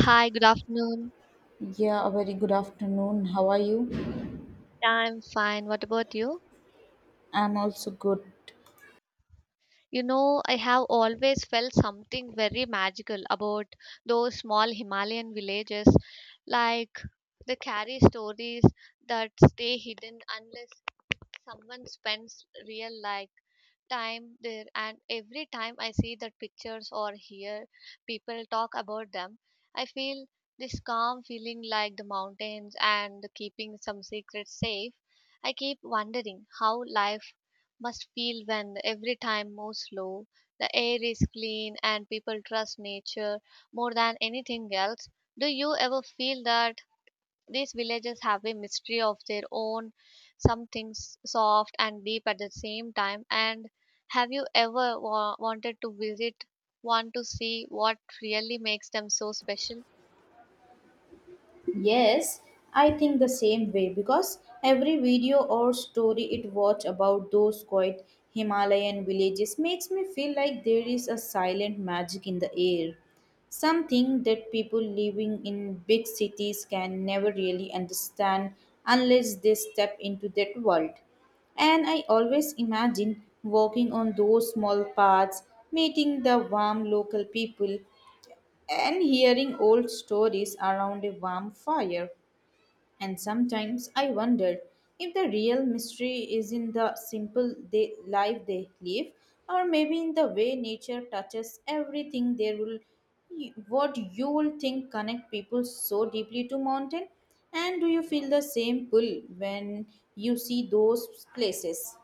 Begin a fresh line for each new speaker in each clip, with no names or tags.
Hi, good afternoon.
Yeah, a very good afternoon. How are you?
I'm fine. What about you?
I'm also good.
I have always felt something very magical about those small Himalayan villages. Like they carry stories that stay hidden unless someone spends real life time there. And every time I see that pictures or hear people talk about them, I feel this calm feeling like the mountains and the keeping some secrets safe. I keep wondering how life must feel when every time moves slow, the air is clean, and people trust nature more than anything else. Do you ever feel that these villages have a mystery of their own, something soft and deep at the same time. And have you ever wanted to visit one to see what really makes them so special?
Yes, I think the same way because every video or story it watch about those quiet Himalayan villages makes me feel like there is a silent magic in the air. Something that people living in big cities can never really understand unless they step into that world. And I always imagine walking on those small paths, meeting the warm local people, and hearing old stories around a warm fire. And sometimes I wondered if the real mystery is in the simple life they live, or maybe in the way nature touches everything. There will, what you will think, connect people so deeply to mountain. And do you feel the same pull when you see those places?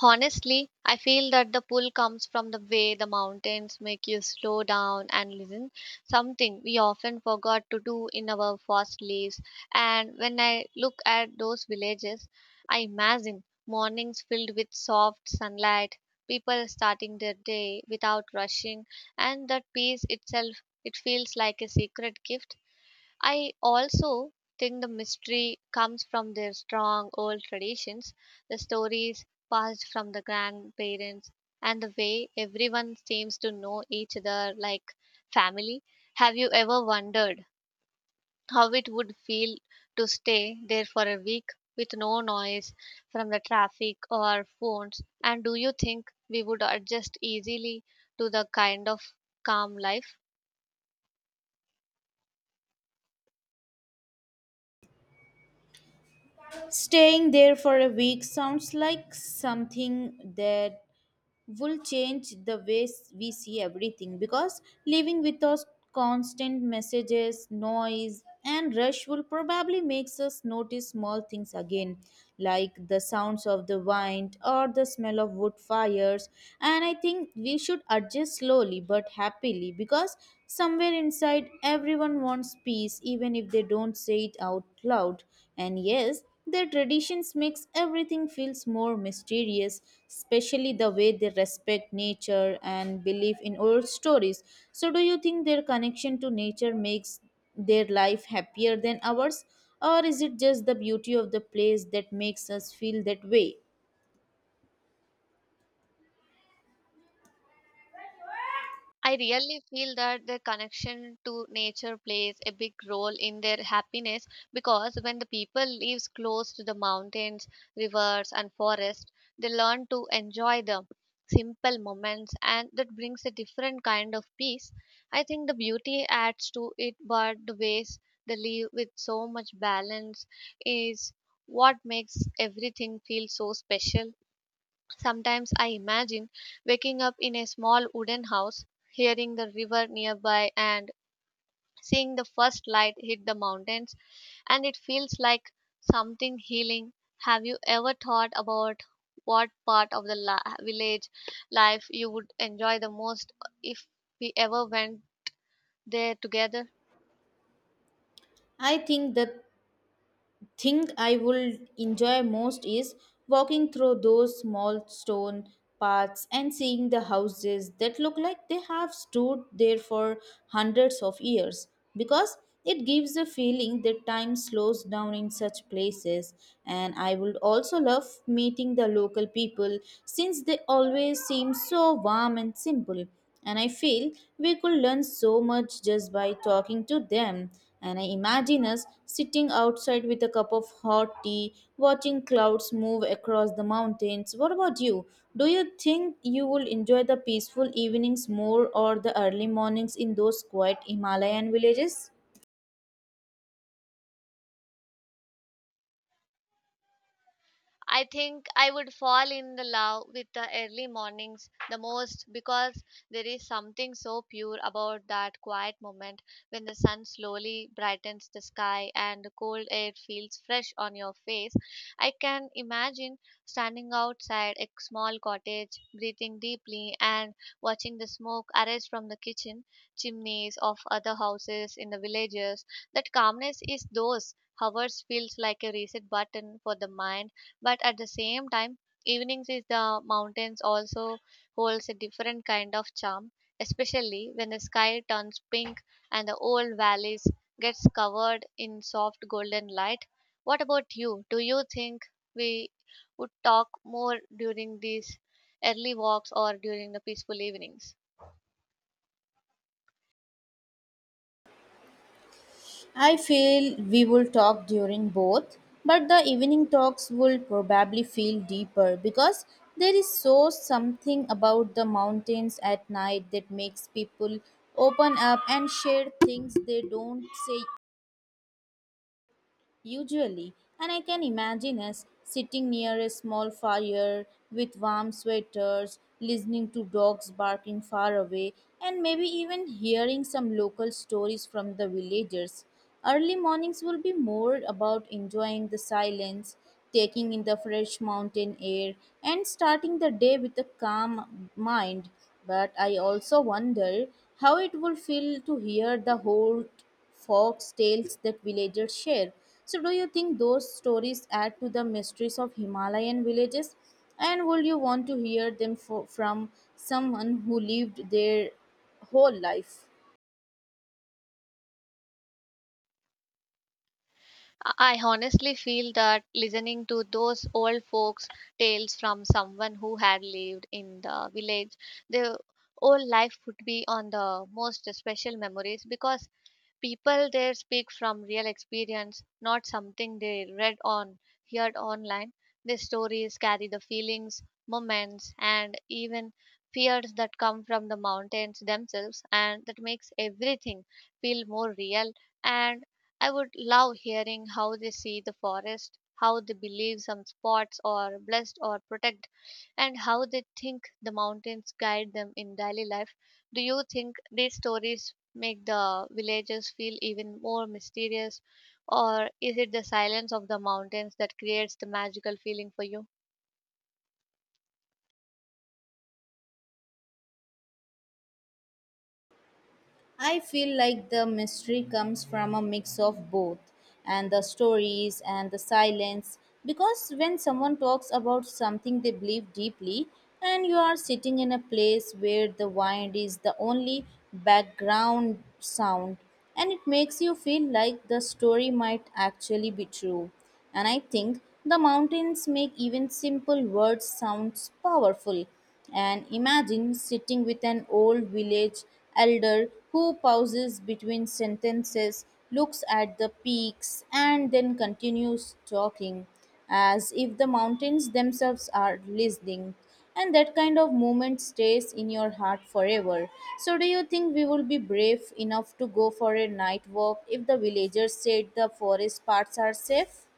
Honestly, I feel that the pull comes from the way the mountains make you slow down and listen, something we often forgot to do in our fast lives. And when I look at those villages, I imagine mornings filled with soft sunlight, people starting their day without rushing, and that peace itself, it feels like a secret gift. I also think the mystery comes from their strong old traditions, the stories passed from the grandparents, and the way everyone seems to know each other like family. Have you ever wondered how it would feel to stay there for a week with no noise from the traffic or phones? And do you think we would adjust easily to the kind of calm life?
Staying there for a week sounds like something that will change the ways we see everything because living with us constant messages noise and rush will probably makes us notice small things again, like the sounds of the wind or the smell of wood fires. And I think we should adjust slowly but happily, because somewhere inside everyone wants peace even if they don't say it out loud. And yes, their traditions makes everything feels more mysterious, especially the way they respect nature and believe in old stories. So do you think their connection to nature makes their life happier than ours, or is it just the beauty of the place that makes us feel that way?
I really feel that their connection to nature plays a big role in their happiness because when the people lives close to the mountains, rivers and forests, they learn to enjoy the simple moments and that brings a different kind of peace. I think the beauty adds to it but the ways they live with so much balance is what makes everything feel so special. Sometimes I imagine waking up in a small wooden house, hearing the river nearby, and seeing the first light hit the mountains, and it feels like something healing. Have you ever thought about what part of the village life you would enjoy the most if we ever went there together?
I think that thing I would enjoy most is walking through those small stone paths and seeing the houses that look like they have stood there for hundreds of years, because it gives the feeling that time slows down in such places. And I would also love meeting the local people, since they always seem so warm and simple, and I feel we could learn so much just by talking to them. And I imagine us sitting outside with a cup of hot tea, watching clouds move across the mountains. What about you? Do you think you will enjoy the peaceful evenings more or the early mornings in those quiet Himalayan villages?
I think I would fall in the love with the early mornings the most because there is something so pure about that quiet moment when the sun slowly brightens the sky and the cold air feels fresh on your face. I can imagine standing outside a small cottage, breathing deeply and watching the smoke arise from the kitchen chimneys of other houses in the villages. That calmness is those hours feels like a reset button for the mind. But at the same time evenings is the mountains also holds a different kind of charm, especially when the sky turns pink and the old valleys gets covered in soft golden light. What about you? Do you think we would talk more during these early walks or during the peaceful evenings?
I feel we will talk during both, but the evening talks will probably feel deeper, because there is so something about the mountains at night that makes people open up and share things they don't say usually. And I can imagine us sitting near a small fire with warm sweaters, listening to dogs barking far away, and maybe even hearing some local stories from the villagers. Early mornings will be more about enjoying the silence, taking in the fresh mountain air, and starting the day with a calm mind. But I also wonder how it will feel to hear the whole Fox tales that villagers share. So, do you think those stories add to the mysteries of Himalayan villages? And would you want to hear them from someone who lived their whole life?
I honestly feel that listening to those old folks' tales from someone who had lived in the village, their whole life would be on the most special memories because people there speak from real experience, not something they read on, heard online. Their stories carry the feelings, moments, and even fears that come from the mountains themselves, and that makes everything feel more real. And I would love hearing how they see the forest, how they believe some spots are blessed or protected and how they think the mountains guide them in daily life. Do you think these stories make the villages feel even more mysterious, or is it the silence of the mountains that creates the magical feeling for you?
I feel like the mystery comes from a mix of both, and the stories and the silence, because when someone talks about something they believe deeply and you are sitting in a place where the wind is the only background sound, and it makes you feel like the story might actually be true. And I think the mountains make even simple words sounds powerful. And imagine sitting with an old village elder who pauses between sentences, looks at the peaks, and then continues talking as if the mountains themselves are listening. And that kind of moment stays in your heart forever. So, do you think we will be brave enough to go for a night walk if the villagers said the forest parts are safe?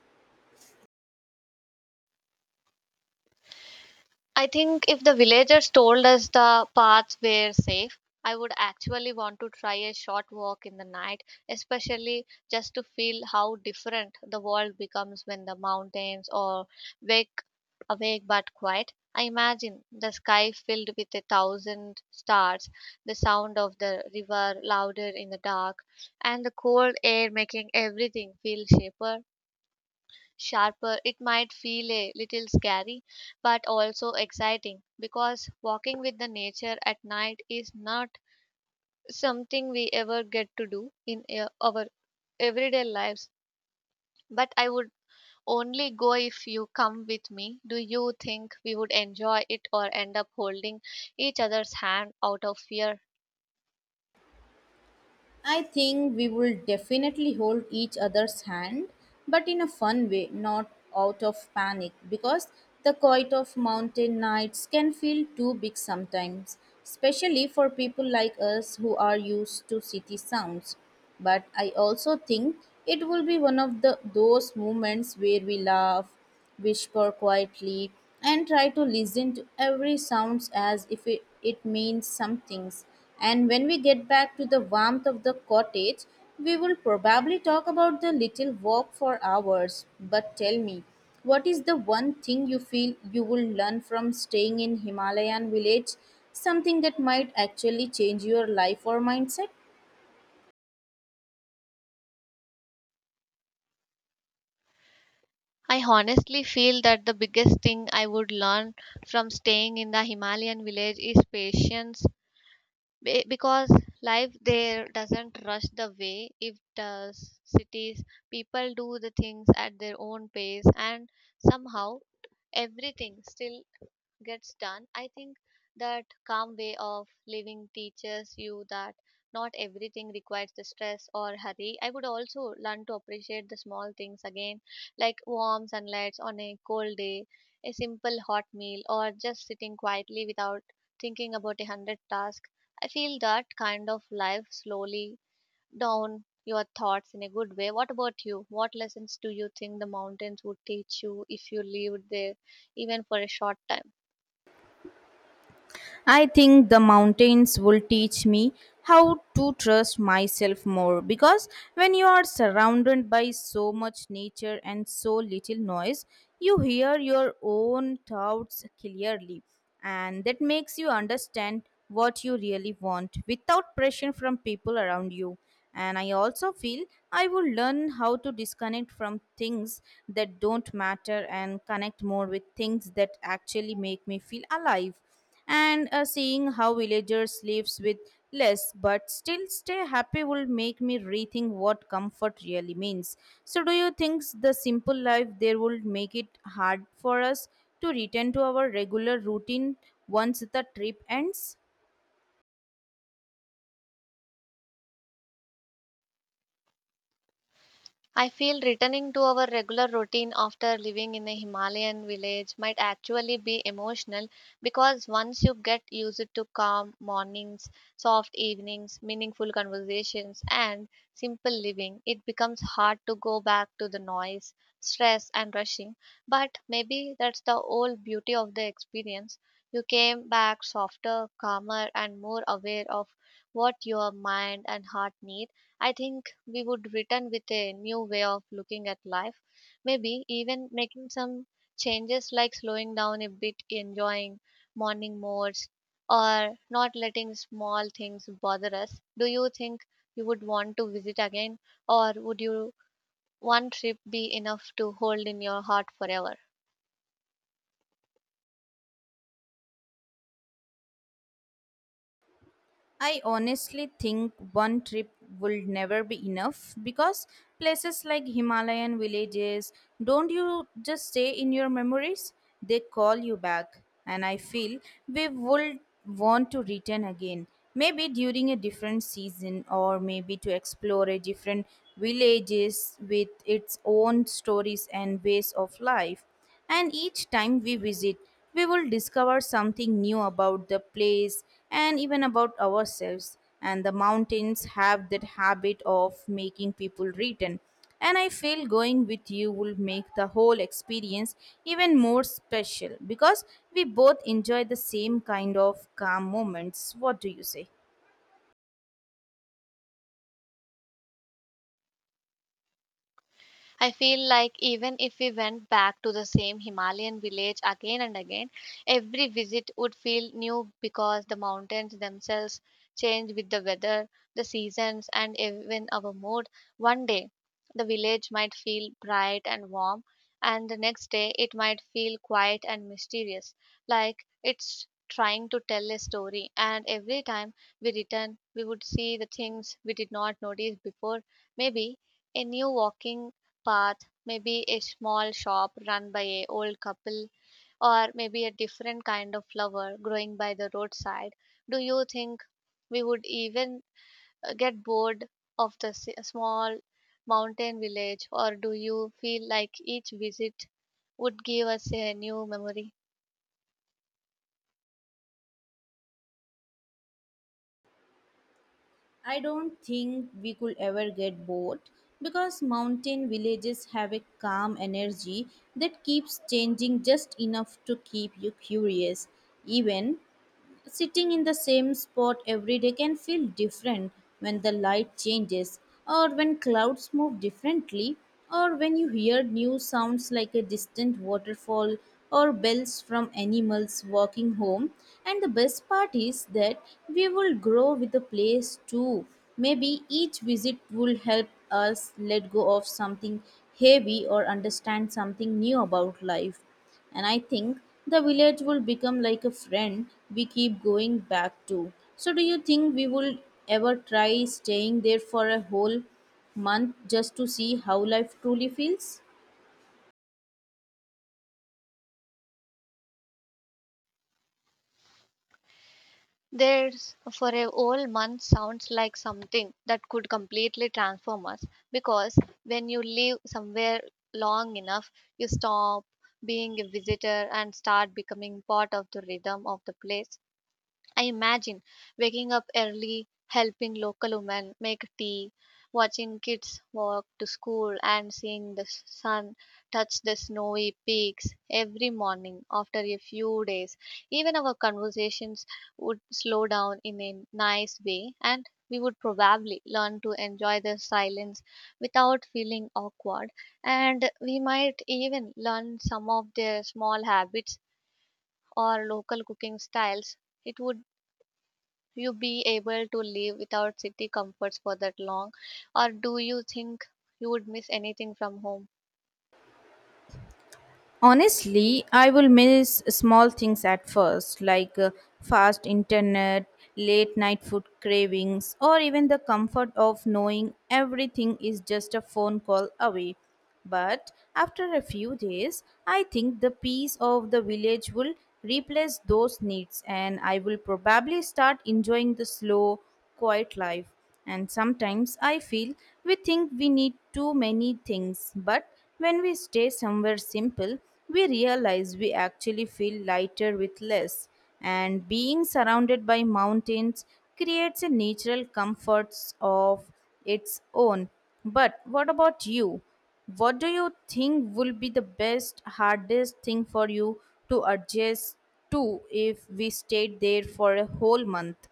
I think if the villagers told us the paths were safe, I would actually want to try a short walk in the night, especially just to feel how different the world becomes when the mountains are wake awake but quiet. I imagine the sky filled with a thousand stars, the sound of the river louder in the dark, and the cold air making everything feel shaper sharper. It might feel a little scary, but also exciting because walking with the nature at night is not something we ever get to do in our everyday lives. But I would only go if you come with me. Do you think we would enjoy it or end up holding each other's hand out of fear?
I think we will definitely hold each other's hand, but in a fun way, not out of panic, because the quiet of mountain nights can feel too big sometimes, especially for people like us who are used to city sounds. But I also think it will be one of the those moments where we laugh whisper quietly, and try to listen to every sound as if it means something. And when we get back to the warmth of the cottage, we will probably talk about the little walk for hours. But tell me, what is the one thing you feel you will learn from staying in Himalayan village? Something that might actually change your life or mindset?
I honestly feel that the biggest thing I would learn from staying in the Himalayan village is patience because life there doesn't rush the way it does cities. People do the things at their own pace and somehow everything still gets done. I think that calm way of living teaches you that not everything requires the stress or hurry. I would also learn to appreciate the small things again, like warm sunlight on a cold day, a simple hot meal, or just sitting quietly without thinking about a hundred tasks. I feel that kind of life slowly down your thoughts in a good way. What about you? What lessons do you think the mountains would teach you if you lived there even for a short time?
I think the mountains will teach me how to trust myself more, because when you are surrounded by so much nature and so little noise, you hear your own thoughts clearly, and that makes you understand what you really want without pressure from people around you. And I also feel I will learn how to disconnect from things that don't matter and connect more with things that actually make me feel alive. And seeing how villagers lives with less but still stay happy will make me rethink what comfort really means. So do you think the simple life there will make it hard for us to return to our regular routine once the trip ends?
I feel returning to our regular routine after living in a Himalayan village might actually be emotional because once you get used to calm mornings, soft evenings, meaningful conversations, and simple living, it becomes hard to go back to the noise, stress, and rushing. But maybe that's the whole beauty of the experience. You came back softer, calmer, and more aware of what your mind and heart need. I think we would return with a new way of looking at life, maybe even making some changes like slowing down a bit, enjoying morning modes, or not letting small things bother us. Do you think you would want to visit again, or would you one trip be enough to hold in your heart forever?
I honestly think one trip will never be enough, because places like Himalayan villages don't you just stay in your memories, they call you back. And I feel we would want to return again, maybe during a different season or maybe to explore a different villages with its own stories and ways of life. And each time we visit, we will discover something new about the place and even about ourselves. And the mountains have that habit of making people return. And I feel going with you will make the whole experience even more special, because we both enjoy the same kind of calm moments. What do you say?
I feel like even if we went back to the same Himalayan village again and again, every visit would feel new because the mountains themselves change with the weather, the seasons, and even our mood. One day, the village might feel bright and warm, and the next day, it might feel quiet and mysterious, like it's trying to tell a story. And every time we return, we would see the things we did not notice before. Maybe a new walking path, maybe a small shop run by a old couple, or maybe a different kind of flower growing by the roadside. Do you think we would even get bored of the small mountain village, or do you feel like each visit would give us a new memory?
I don't think we could ever get bored, because mountain villages have a calm energy that keeps changing just enough to keep you curious. Even sitting in the same spot every day can feel different, when the light changes, or when clouds move differently, or when you hear new sounds like a distant waterfall or bells from animals walking home. And the best part is that we will grow with the place too. Maybe each visit will help us let go of something heavy or understand something new about life. And I think the village will become like a friend we keep going back to. So, do you think we will ever try staying there for a whole month just to see how life truly feels?
There's for a whole month sounds like something that could completely transform us because when you live somewhere long enough, you stop being a visitor and start becoming part of the rhythm of the place. I imagine waking up early, helping local women make tea, watching kids walk to school, and seeing the sun touch the snowy peaks every morning after a few days. Even our conversations would slow down in a nice way, and we would probably learn to enjoy the silence without feeling awkward. And we might even learn some of their small habits or local cooking styles. It would you be able to live without city comforts for that long, or do you think you would miss anything from home?
Honestly, I will miss small things at first, like fast internet, late night food cravings, or even the comfort of knowing everything is just a phone call away. But after a few days, I think the peace of the village will replace those needs, and I will probably start enjoying the slow, quiet life. And sometimes I feel we think we need too many things, but when we stay somewhere simple, we realize we actually feel lighter with less. And being surrounded by mountains creates a natural comfort of its own. But what about you? What do you think will be the best, hardest thing for you to adjust to if we stayed there for a whole month?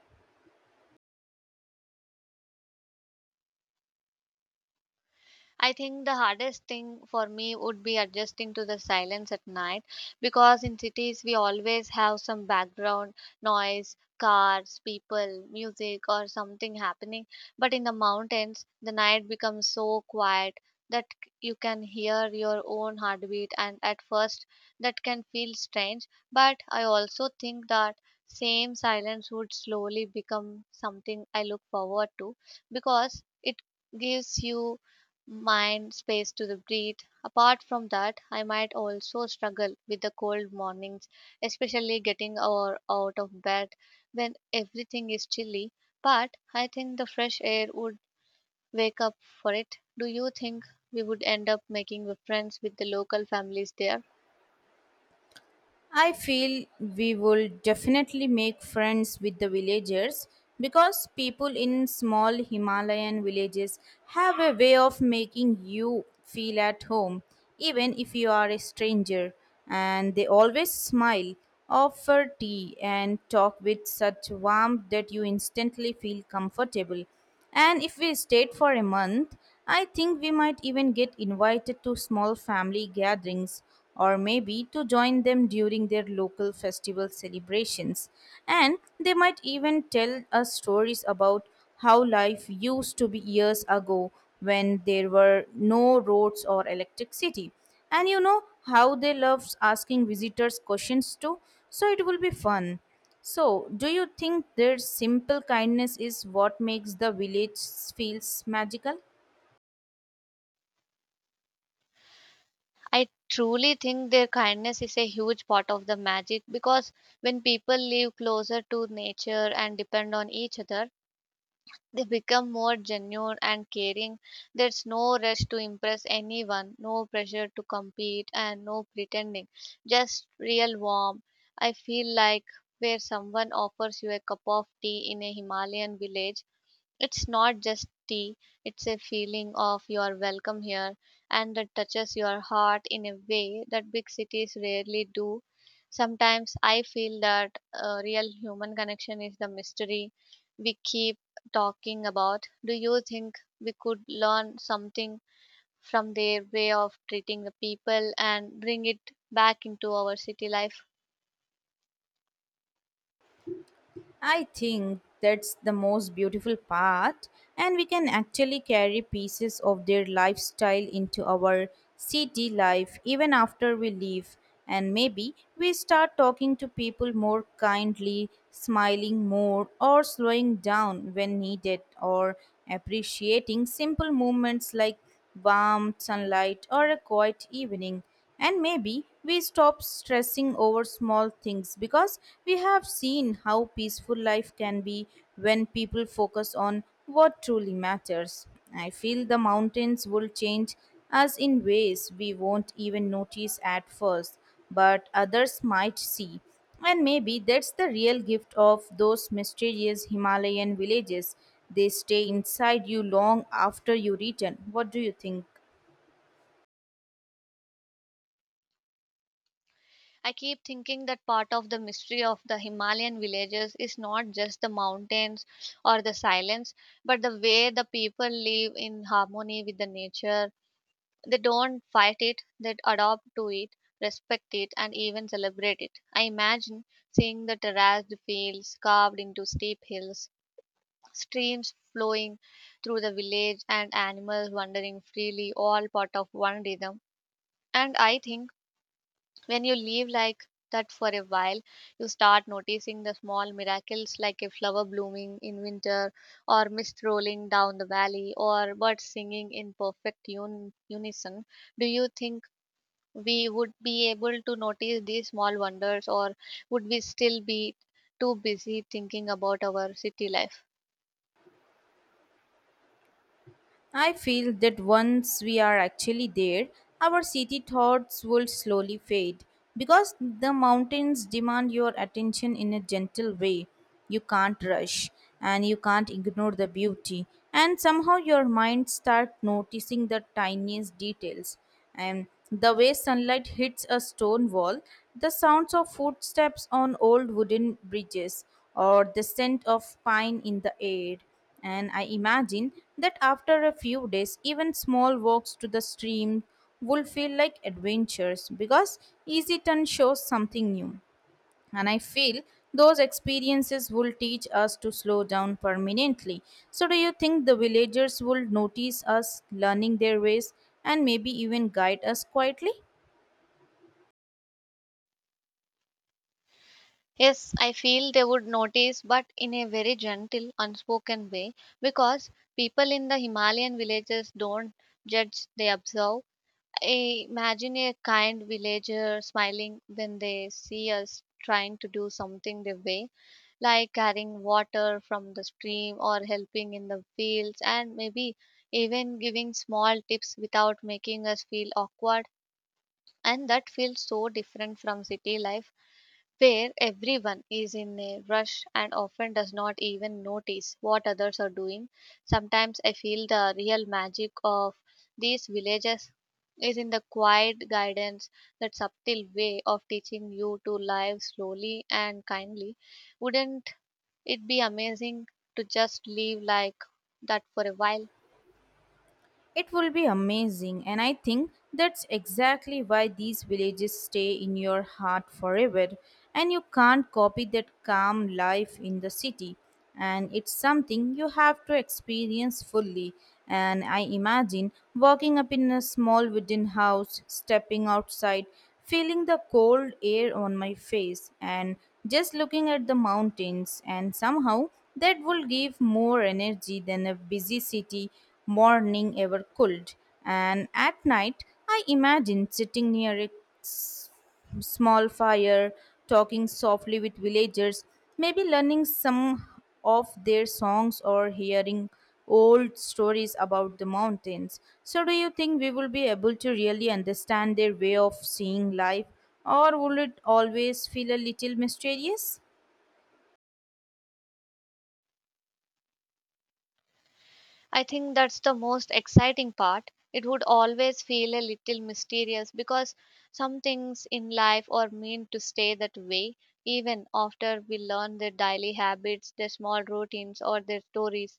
I think the hardest thing for me would be adjusting to the silence at night because in cities we always have some background noise, cars, people, music, or something happening. But in the mountains, the night becomes so quiet that you can hear your own heartbeat, and at first that can feel strange. But I also think that same silence would slowly become something I look forward to because it gives you mind space to the breathe. Apart from that, I might also struggle with the cold mornings, especially getting or out of bed when everything is chilly. But I think the fresh air would wake up for it. Do you think we would end up making friends with the local families there?
I feel we will definitely make friends with the villagers, because people in small Himalayan villages have a way of making you feel at home, even if you are a stranger. And they always smile, offer tea, and talk with such warmth that you instantly feel comfortable. And if we stayed for a month, I think we might even get invited to small family gatherings or maybe to join them during their local festival celebrations. And they might even tell us stories about how life used to be years ago when there were no roads or electricity. And you know how they love asking visitors questions too, so it will be fun. So, do you think their simple kindness is what makes the village feels magical?
I truly think their kindness is a huge part of the magic because when people live closer to nature and depend on each other, they become more genuine and caring. There's no rush to impress anyone, no pressure to compete, and no pretending. Just real warmth. I feel like where someone offers you a cup of tea in a Himalayan village it's not just tea, it's a feeling of you're welcome here, and that touches your heart in a way that big cities rarely do. Sometimes I feel that real human connection is the mystery we keep talking about. Do you think we could learn something from their way of treating the people and bring it back into our city life?
I think that's the most beautiful part, and we can actually carry pieces of their lifestyle into our city life even after we leave. And maybe we start talking to people more kindly, smiling more, or slowing down when needed, or appreciating simple moments like warm sunlight, or a quiet evening. And maybe we stop stressing over small things, because we have seen how peaceful life can be when people focus on what truly matters. I feel the mountains will change us in ways we won't even notice at first, but others might see. And maybe that's the real gift of those mysterious Himalayan villages. They stay inside you long after you return. What do you think?
I keep thinking that part of the mystery of the Himalayan villages is not just the mountains or the silence, but the way the people live in harmony with the nature. They don't fight it, they adapt to it, respect it, and even celebrate it. I imagine seeing the terraced fields carved into steep hills, streams flowing through the village, and animals wandering freely, all part of one rhythm. And I think when you leave like that for a while you start noticing the small miracles like a flower blooming in winter or mist rolling down the valley or birds singing in perfect unison. Do you think we would be able to notice these small wonders, or would we still be too busy thinking about our city life?
I feel that once we are actually there, our city thoughts will slowly fade, because the mountains demand your attention in a gentle way. You can't rush and you can't ignore the beauty, and somehow your mind starts noticing the tiniest details. And the way sunlight hits a stone wall, the sounds of footsteps on old wooden bridges, or the scent of pine in the air. And I imagine that after a few days, even small walks to the stream will feel like adventures, because Easy Turn shows something new. And I feel those experiences will teach us to slow down permanently. So, do you think the villagers will notice us learning their ways and maybe even guide us quietly?
Yes, I feel they would notice, but in a very gentle, unspoken way, because people in the Himalayan villages don't judge, they observe. I imagine a kind villager smiling when they see us trying to do something their way, like carrying water from the stream or helping in the fields, and maybe even giving small tips without making us feel awkward. And that feels so different from city life where everyone is in a rush and often does not even notice what others are doing. Sometimes I feel the real magic of these villages is in the quiet guidance, that subtle way of teaching you to live slowly and kindly. Wouldn't it be amazing to just live like that for a while?
It will be amazing, and I think that's exactly why these villages stay in your heart forever. And you can't copy that calm life in the city, and it's something you have to experience fully. And I imagine walking up in a small wooden house, stepping outside, feeling the cold air on my face and just looking at the mountains, and somehow that would give more energy than a busy city morning ever could. And at night, I imagine sitting near a small fire, talking softly with villagers, maybe learning some of their songs or hearing old stories about the mountains. So, do you think we will be able to really understand their way of seeing life, or will it always feel a little mysterious?
I think that's the most exciting part. It would always feel a little mysterious because some things in life are meant to stay that way. Even after we learn their daily habits, their small routines, or their stories,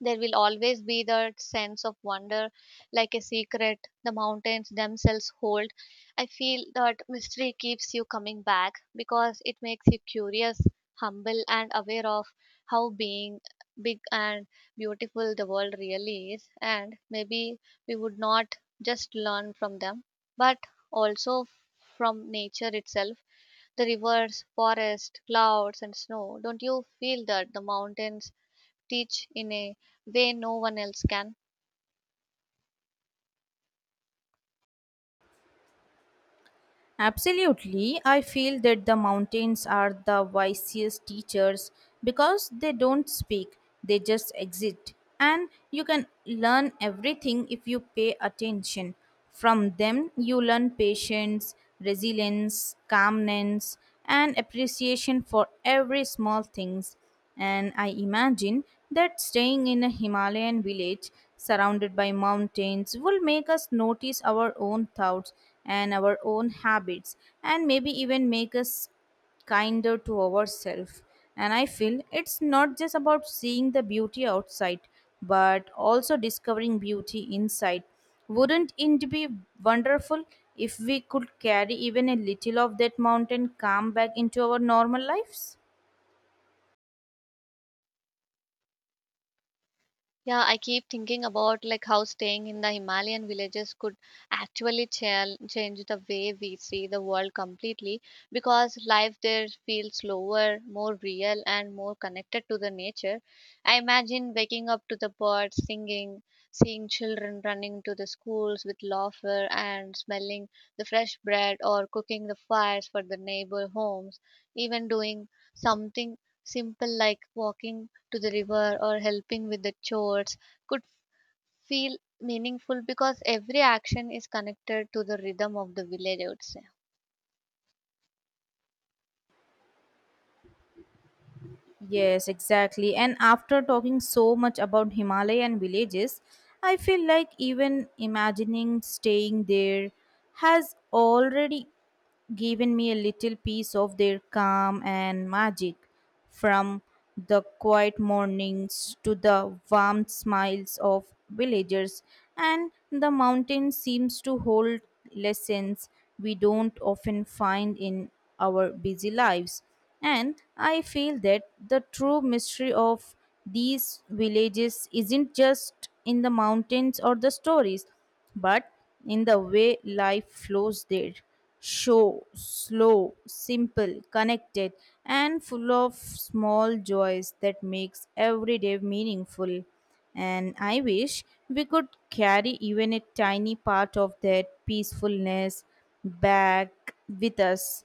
there will always be that sense of wonder, like a secret the mountains themselves hold. I feel that mystery keeps you coming back because it makes you curious, humble, and aware of how being big and beautiful the world really is. And maybe we would not just learn from them, but also from nature itself, the rivers, forest, clouds, and snow. Don't you feel that the mountains teach in a way no one else can?
Absolutely. I feel that the mountains are the wisest teachers, because they don't speak, they just exist. And you can learn everything if you pay attention. From them, you learn patience, resilience, calmness, and appreciation for every small things. And I imagine that staying in a Himalayan village surrounded by mountains will make us notice our own thoughts and our own habits, and maybe even make us kinder to ourselves. And I feel it's not just about seeing the beauty outside, but also discovering beauty inside. Wouldn't it be wonderful if we could carry even a little of that mountain calm back into our normal lives?
Yeah, I keep thinking about like how staying in the Himalayan villages could actually change the way we see the world completely, because life there feels slower, more real, and more connected to the nature. I imagine waking up to the birds singing, seeing children running to the schools with laughter, and smelling the fresh bread or cooking the fires for the neighbor homes. Even doing something simple like walking to the river or helping with the chores could feel meaningful, because every action is connected to the rhythm of the village, I would say.
Yes, exactly. And after talking so much about Himalayan villages, I feel like even imagining staying there has already given me a little piece of their calm and magic, from the quiet mornings to the warm smiles of villagers, and the mountain seems to hold lessons we don't often find in our busy lives. And I feel that the true mystery of these villages isn't just in the mountains or the stories, but in the way life flows there, slow, simple, connected, and full of small joys that makes every day meaningful. And I wish we could carry even a tiny part of that peacefulness back with us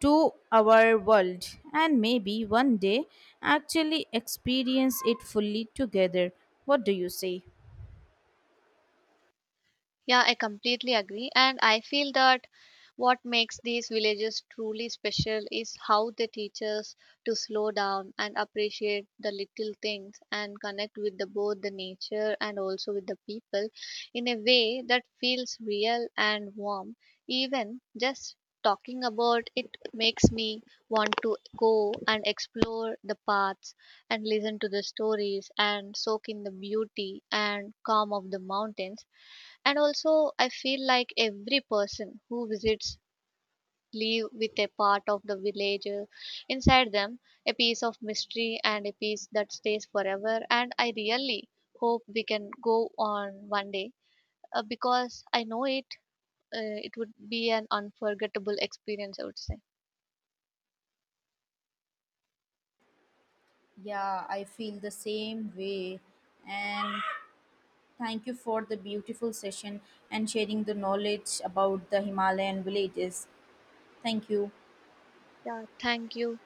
to our world, and maybe one day actually experience it fully together. What do you say?
Yeah, I completely agree. And I feel that what makes these villages truly special is how they teach us to slow down and appreciate the little things and connect with the, both the nature and also with the people in a way that feels real and warm. Even just talking about it makes me want to go and explore the paths and listen to the stories and soak in the beauty and calm of the mountains. And also, I feel like every person who visits leave with a part of the village inside them, a piece of mystery and a piece that stays forever. And I really hope we can go on one day, because I know it, it would be an unforgettable experience, I would say.
Yeah, I feel the same way. And thank you for the beautiful session and sharing the knowledge about the Himalayan villages. Thank you.
Yeah, thank you.